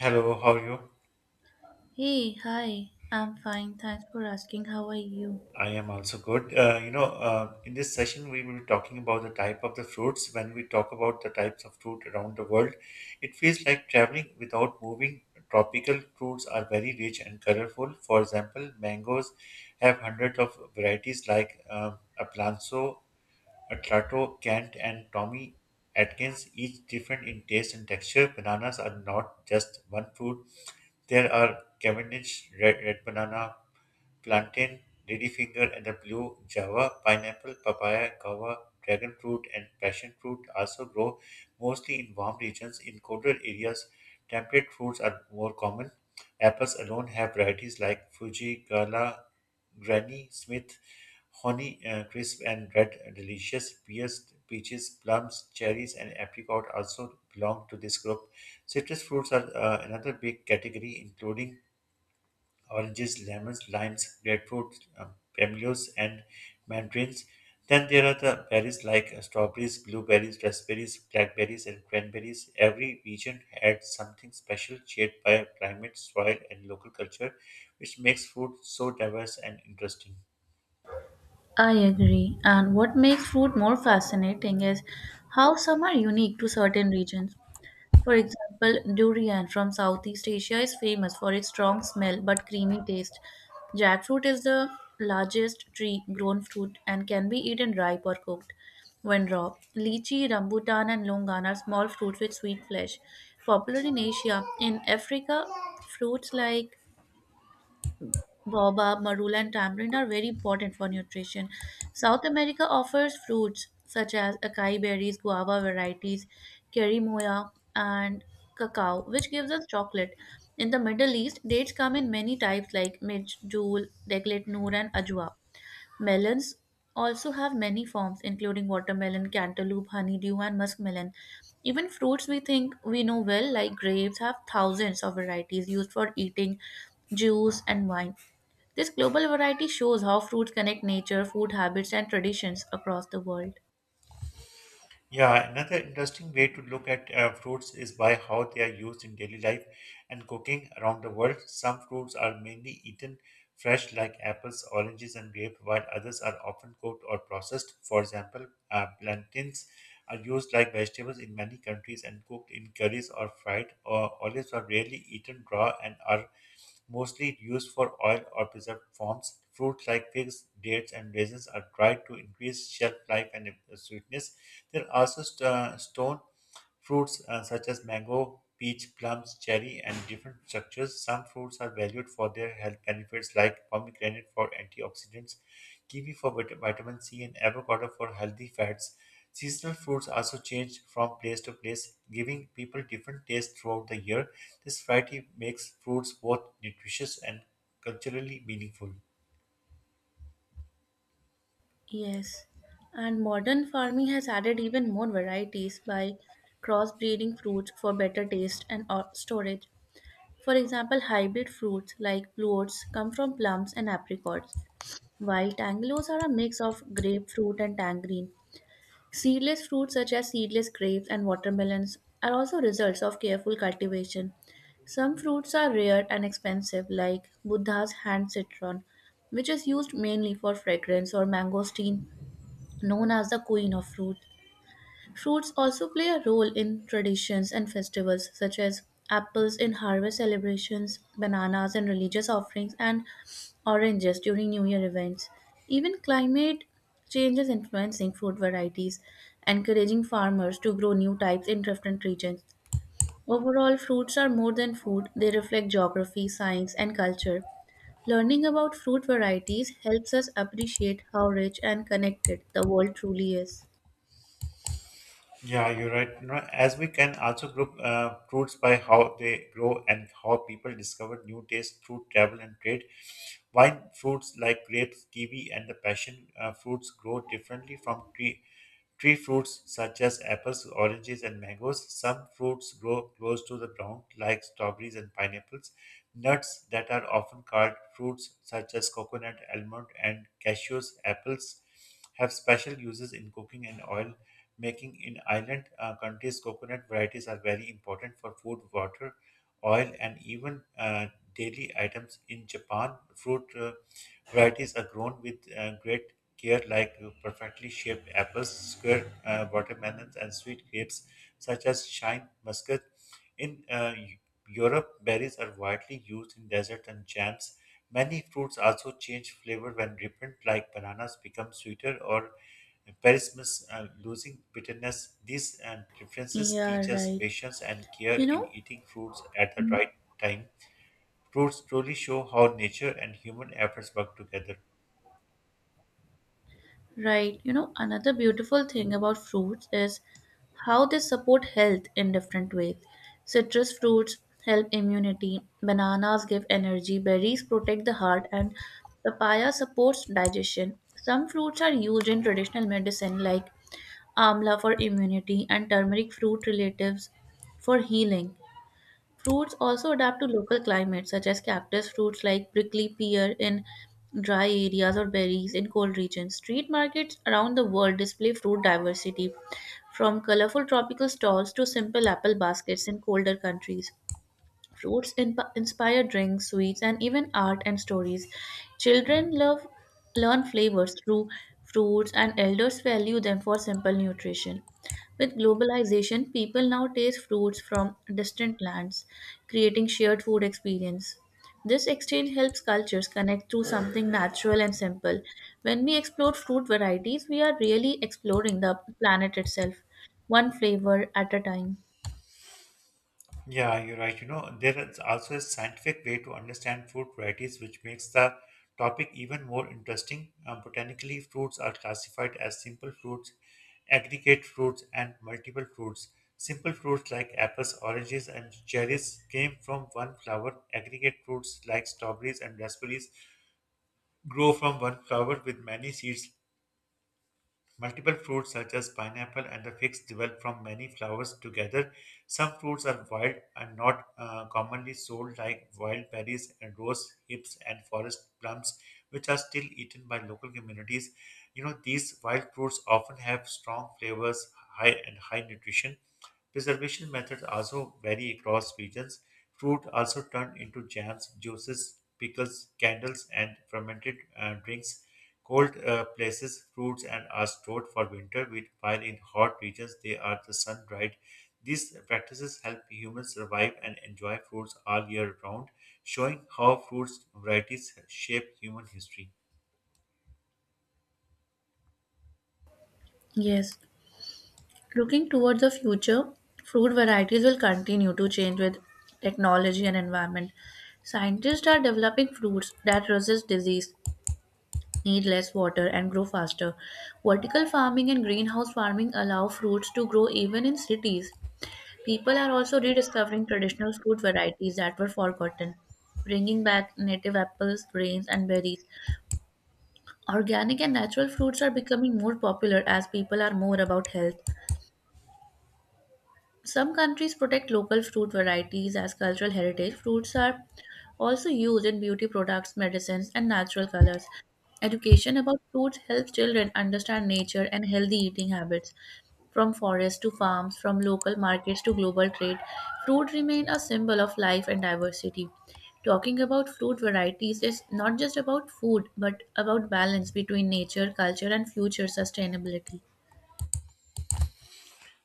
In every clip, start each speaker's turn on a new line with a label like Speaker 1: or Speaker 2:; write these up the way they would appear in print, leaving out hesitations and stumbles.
Speaker 1: Hello, how are you?
Speaker 2: Hey, hi. I'm fine. Thanks for asking. How are you?
Speaker 1: I am also good. In this session, we will be talking about the type of the fruits. When we talk about the types of fruit around the world, it feels like traveling without moving. Tropical fruits are very rich and colorful. For example, mangoes have hundreds of varieties like Aplanso, Atlato, Kent, and Tommy Atkins, each different in taste and texture. Bananas are not just one fruit. There are Cavendish, red, red banana, plantain, ladyfinger, and the blue java. Pineapple, papaya, guava, dragon fruit, and passion fruit also grow mostly in warm regions. In colder areas, temperate fruits are more common. Apples alone have varieties like Fuji, Gala, Granny Smith, Honey Crisp, and Red Delicious. Pears, peaches, plums, cherries, and apricot also belong to this group. Citrus fruits are another big category, including oranges, lemons, limes, grapefruit, camellias, and mandarins. Then there are the berries like strawberries, blueberries, raspberries, blackberries, and cranberries. Every region adds something special, shaped by climate, soil, and local culture, which makes food so diverse and interesting.
Speaker 2: I agree. And what makes food more fascinating is how some are unique to certain regions. For example, durian from Southeast Asia is famous for its strong smell but creamy taste. Jackfruit is the largest tree grown fruit and can be eaten ripe or cooked. When raw, lychee, rambutan, and longan are small fruits with sweet flesh. Popular in Asia, in Africa, fruits like Boba, marula, and tamarind are very important for nutrition. South America offers fruits such as acai berries, guava varieties, kerimoya, and cacao, which gives us chocolate. In the Middle East, dates come in many types like medjool, deglet, noor, and ajwa. Melons also have many forms, including watermelon, cantaloupe, honeydew, and muskmelon. Even fruits we think we know well, like grapes, have thousands of varieties used for eating, juice, and wine. This global variety shows how fruits connect nature, food habits, and traditions across the world.
Speaker 1: Yeah, another interesting way to look at fruits is by how they are used in daily life and cooking around the world. Some fruits are mainly eaten fresh, like apples, oranges, and grape, while others are often cooked or processed. For example, plantains are used like vegetables in many countries and cooked in curries or fried, or olives are rarely eaten raw and are mostly used for oil or preserved forms. Fruits like figs, dates, and raisins are dried to increase shelf life and sweetness. There are also stone fruits such as mango, peach, plums, cherry, and different structures. Some fruits are valued for their health benefits, like pomegranate for antioxidants, kiwi for vitamin C, and avocado for healthy fats. Seasonal fruits also change from place to place, giving people different tastes throughout the year. This variety makes fruits both nutritious and culturally meaningful.
Speaker 2: Yes, and modern farming has added even more varieties by crossbreeding fruits for better taste and storage. For example, hybrid fruits like bluots come from plums and apricots, while tangelos are a mix of grapefruit and tangerine. Seedless fruits such as seedless grapes and watermelons are also results of careful cultivation. Some fruits are rare and expensive, like Buddha's hand citron, which is used mainly for fragrance, or mangosteen, known as the queen of fruit. Fruits also play a role in traditions and festivals, such as apples in harvest celebrations, bananas in religious offerings, and oranges during New Year events. Even climate change is influencing fruit varieties, encouraging farmers to grow new types in different regions. Overall, fruits are more than food, they reflect geography, science, and culture. Learning about fruit varieties helps us appreciate how rich and connected the world truly is.
Speaker 1: Yeah, you're right. You know, as we can also group fruits by how they grow and how people discover new tastes through travel and trade. Wine fruits like grapes, kiwi, and the passion fruits grow differently from tree fruits such as apples, oranges, and mangoes. Some fruits grow close to the ground like strawberries and pineapples. Nuts that are often called fruits such as coconut, almond, and cashews, apples have special uses in cooking and oil making in island countries. Coconut varieties are very important for food, water, oil, and even daily items. In Japan, fruit varieties are grown with great care, like perfectly shaped apples, square watermelons, and sweet grapes such as shine muscat. In Europe, berries are widely used in desserts and jams. Many fruits also change flavor when ripened, like bananas become sweeter or perismus losing bitterness. These differences
Speaker 2: Yeah,
Speaker 1: teach us
Speaker 2: right.
Speaker 1: patience and care
Speaker 2: You
Speaker 1: in
Speaker 2: know,
Speaker 1: eating fruits at the
Speaker 2: n-
Speaker 1: right time. Fruits truly show how nature and human efforts work together.
Speaker 2: right, you know, another beautiful thing about fruits is how they support health in different ways. Citrus fruits help immunity, bananas give energy, berries protect the heart, and papaya supports digestion. Some fruits are used in traditional medicine like amla for immunity and turmeric fruit relatives for healing. Fruits also adapt to local climates, such as cactus fruits like prickly pear in dry areas or berries in cold regions. Street markets around the world display fruit diversity, from colorful tropical stalls to simple apple baskets in colder countries. Fruits inspire drinks, sweets, and even art and stories. Children love learn flavors through fruits, and elders value them for simple nutrition. With globalization, people now taste fruits from distant lands, creating shared food experience. This exchange helps cultures connect through something natural and simple. When we explore fruit varieties, we are really exploring the planet itself, one flavor at a time.
Speaker 1: Yeah, you're right. You know, there is also a scientific way to understand fruit varieties, which makes the topic even more interesting. Botanically, fruits are classified as simple fruits, aggregate fruits, and multiple fruits. Simple fruits like apples, oranges, and cherries came from one flower. Aggregate fruits like strawberries and raspberries grow from one flower with many seeds. Multiple fruits such as pineapple and the figs develop from many flowers together. Some fruits are wild and not commonly sold like wild berries and rose hips and forest plums which are still eaten by local communities. You know these wild fruits often have strong flavors, high and high nutrition. Preservation methods also vary across regions. Fruit also turned into jams, juices, pickles, candles and fermented drinks. Cold places, fruits and are stored for winter, while in hot regions they are the sun dried. These practices help humans survive and enjoy fruits all year round, showing how fruits varieties shape human history.
Speaker 2: Yes. Looking towards the future, fruit varieties will continue to change with technology and environment. Scientists are developing fruits that resist disease, need less water, and grow faster. Vertical farming and greenhouse farming allow fruits to grow even in cities. People are also rediscovering traditional fruit varieties that were forgotten, bringing back native apples, grains, and berries. Organic and natural fruits are becoming more popular as people are more about health. Some countries protect local fruit varieties as cultural heritage. Fruits are also used in beauty products, medicines, and natural colors. Education about fruits helps children understand nature and healthy eating habits. From forests to farms, from local markets to global trade, fruit remain a symbol of life and diversity. Talking about fruit varieties is not just about food, but about balance between nature, culture, and future sustainability.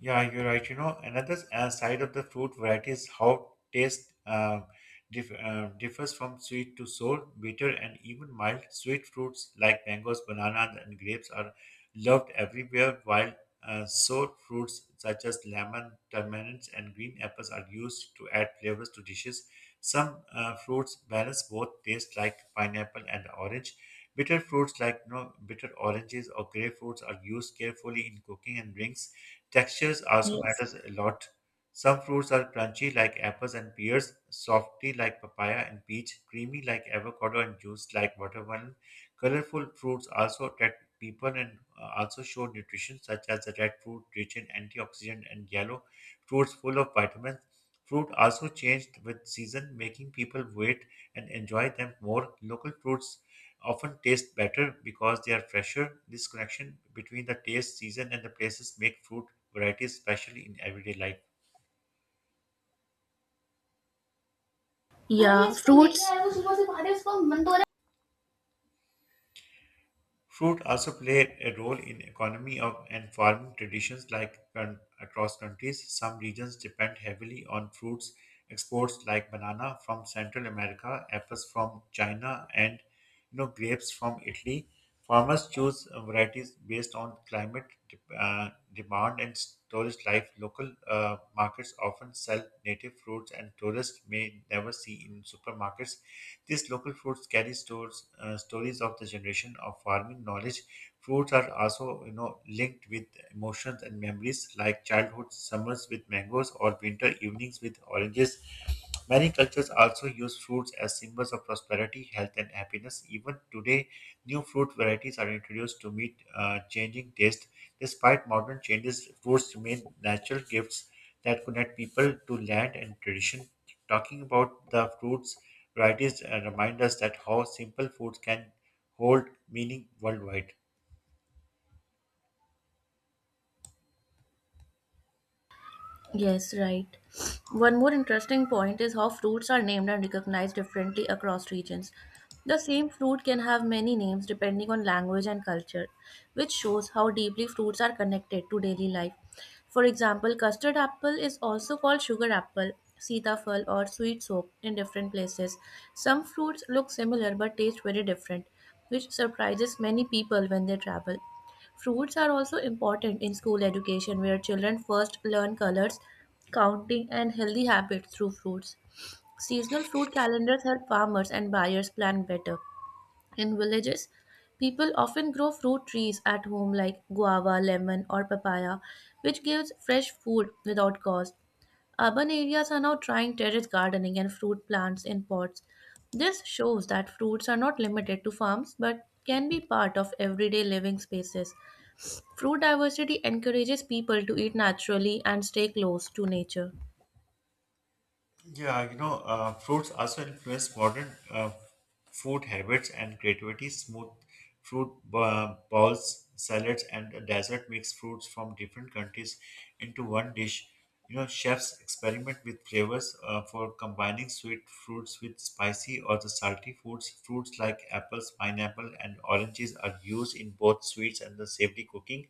Speaker 1: Yeah, you're right. You know, another side of the fruit variety is how taste differs from sweet to sour, bitter, and even mild. Sweet fruits like mangoes, bananas, and grapes are loved everywhere, while sour fruits such as lemon, turmeric, and green apples are used to add flavors to dishes. Some fruits balance both tastes, like pineapple and orange. Bitter fruits like, you know, bitter oranges or grapefruits are used carefully in cooking and drinks. Textures also
Speaker 2: Yes.
Speaker 1: matters a lot. Some fruits are crunchy like apples and pears, softy like papaya and peach, creamy like avocado and juice like watermelon. Colorful fruits also attract people and also show nutrition such as the red fruit rich in antioxidant and yellow fruits full of vitamins. Fruit also changed with season, making people wait and enjoy them more. Local fruits often taste better because they are fresher. This connection between the taste, season, and the places make fruit varieties special in everyday life.
Speaker 2: Yeah, fruits.
Speaker 1: Fruit also play a role in economy of and farming traditions like across countries. Some regions depend heavily on fruits exports like banana from Central America, apples from China, and, you know, grapes from Italy. Farmers choose varieties based on climate demand and storage life. Local markets often sell native fruits and tourists may never see in supermarkets. These local foods carry stores, stories of the generation of farming knowledge. Fruits are also, you know, linked with emotions and memories, like childhood summers with mangoes or winter evenings with oranges. Many cultures also use fruits as symbols of prosperity, health, and happiness. Even today, new fruit varieties are introduced to meet changing taste. Despite modern changes, fruits remain natural gifts that connect people to land and tradition. Talking about the fruits varieties remind us that how simple foods can hold meaning worldwide.
Speaker 2: Yes, right. One more interesting point is how fruits are named and recognized differently across regions. The same fruit can have many names depending on language and culture, which shows how deeply fruits are connected to daily life. For example, custard apple is also called sugar apple, sitafal, or sweet soap in different places. Some fruits look similar but taste very different, which surprises many people when they travel. Fruits are also important in school education, where children first learn colors, counting, and healthy habits through fruits. Seasonal fruit calendars help farmers and buyers plan better. In villages, people often grow fruit trees at home like guava, lemon, or papaya, which gives fresh food without cost. Urban areas are now trying terrace gardening and fruit plants in pots. This shows that fruits are not limited to farms but can be part of everyday living spaces. Fruit diversity encourages people to eat naturally and stay close to nature.
Speaker 1: Fruits also influence modern food habits and creativity. Smooth fruit bowls, salads, and dessert mix fruits from different countries into one dish. You know, chefs experiment with flavors for combining sweet fruits with spicy or the salty foods. Fruits like apples, pineapple, and oranges are used in both sweets and the savory cooking.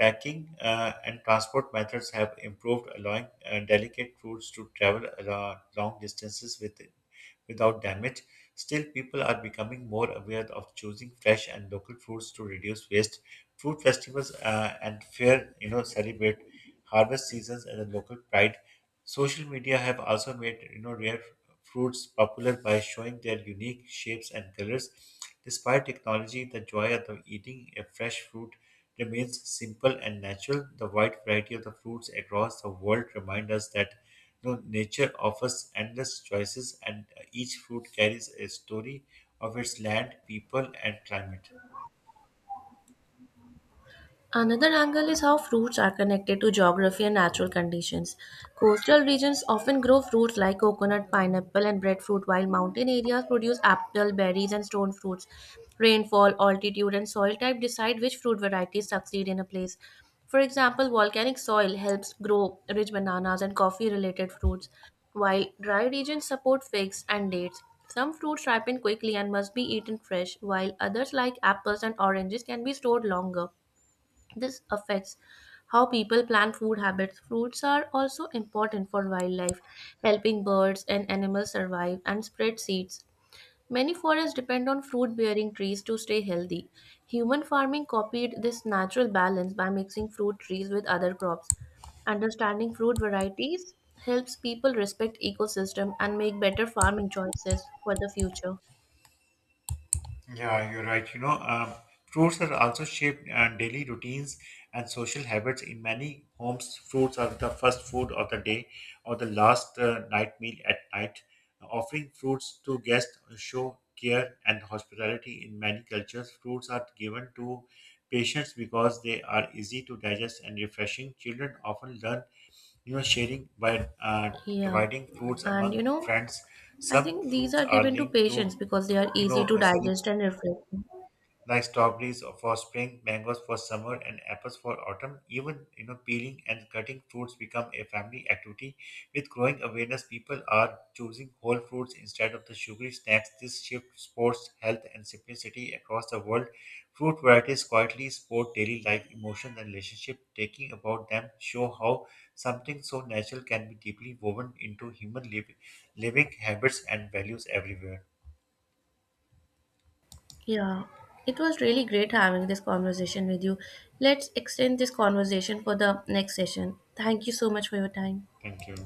Speaker 1: Packing and transport methods have improved, allowing delicate fruits to travel long distances with, without damage. Still, people are becoming more aware of choosing fresh and local fruits to reduce waste. Fruit festivals and fair, you know, celebrate harvest seasons, and the local pride. Social media have also made, you know, rare fruits popular by showing their unique shapes and colors. Despite technology, the joy of the eating a fresh fruit remains simple and natural. The wide variety of the fruits across the world remind us that, you know, nature offers endless choices, and each fruit carries a story of its land, people, and climate.
Speaker 2: Another angle is how fruits are connected to geography and natural conditions. Coastal regions often grow fruits like coconut, pineapple, and breadfruit, while mountain areas produce apple, berries, and stone fruits. Rainfall, altitude, and soil type decide which fruit varieties succeed in a place. For example, volcanic soil helps grow rich bananas and coffee related fruits, while dry regions support figs and dates. Some fruits ripen quickly and must be eaten fresh, while others, like apples and oranges, can be stored longer. This affects how people plan food habits. Fruits are also important for wildlife, helping birds and animals survive and spread seeds. Many forests depend on fruit bearing trees to stay healthy. Human farming copied this natural balance by mixing fruit trees with other crops. Understanding fruit varieties helps people respect ecosystem and make better farming choices for the future.
Speaker 1: Yeah, you're right. Fruits are also shaped daily routines and social habits. In many homes, fruits are the first food of the day or the last night meal at night. Offering fruits to guests show care and hospitality. In many cultures, fruits are given to patients because they are easy to digest and refreshing. Children often learn, you know, sharing by
Speaker 2: Yeah.
Speaker 1: dividing fruits
Speaker 2: And
Speaker 1: among
Speaker 2: you know,
Speaker 1: friends.
Speaker 2: I
Speaker 1: Some
Speaker 2: think these
Speaker 1: fruits
Speaker 2: are
Speaker 1: are
Speaker 2: given to
Speaker 1: linked
Speaker 2: patients
Speaker 1: to,
Speaker 2: because they are
Speaker 1: you
Speaker 2: easy
Speaker 1: know,
Speaker 2: to
Speaker 1: uh,
Speaker 2: digest and reflect. On.
Speaker 1: like strawberries for spring, mangoes for summer, and apples for autumn. Even, you know, peeling and cutting fruits become a family activity. With growing awareness, people are choosing whole fruits instead of the sugary snacks. This shift supports health and simplicity across the world. Fruit varieties quietly support daily life, emotions, and relationship. Taking about them show how something so natural can be deeply woven into human living habits and values everywhere.
Speaker 2: Yeah, it was really great having this conversation with you. Let's extend this conversation for the next session. Thank you so much for your time.
Speaker 1: Thank you.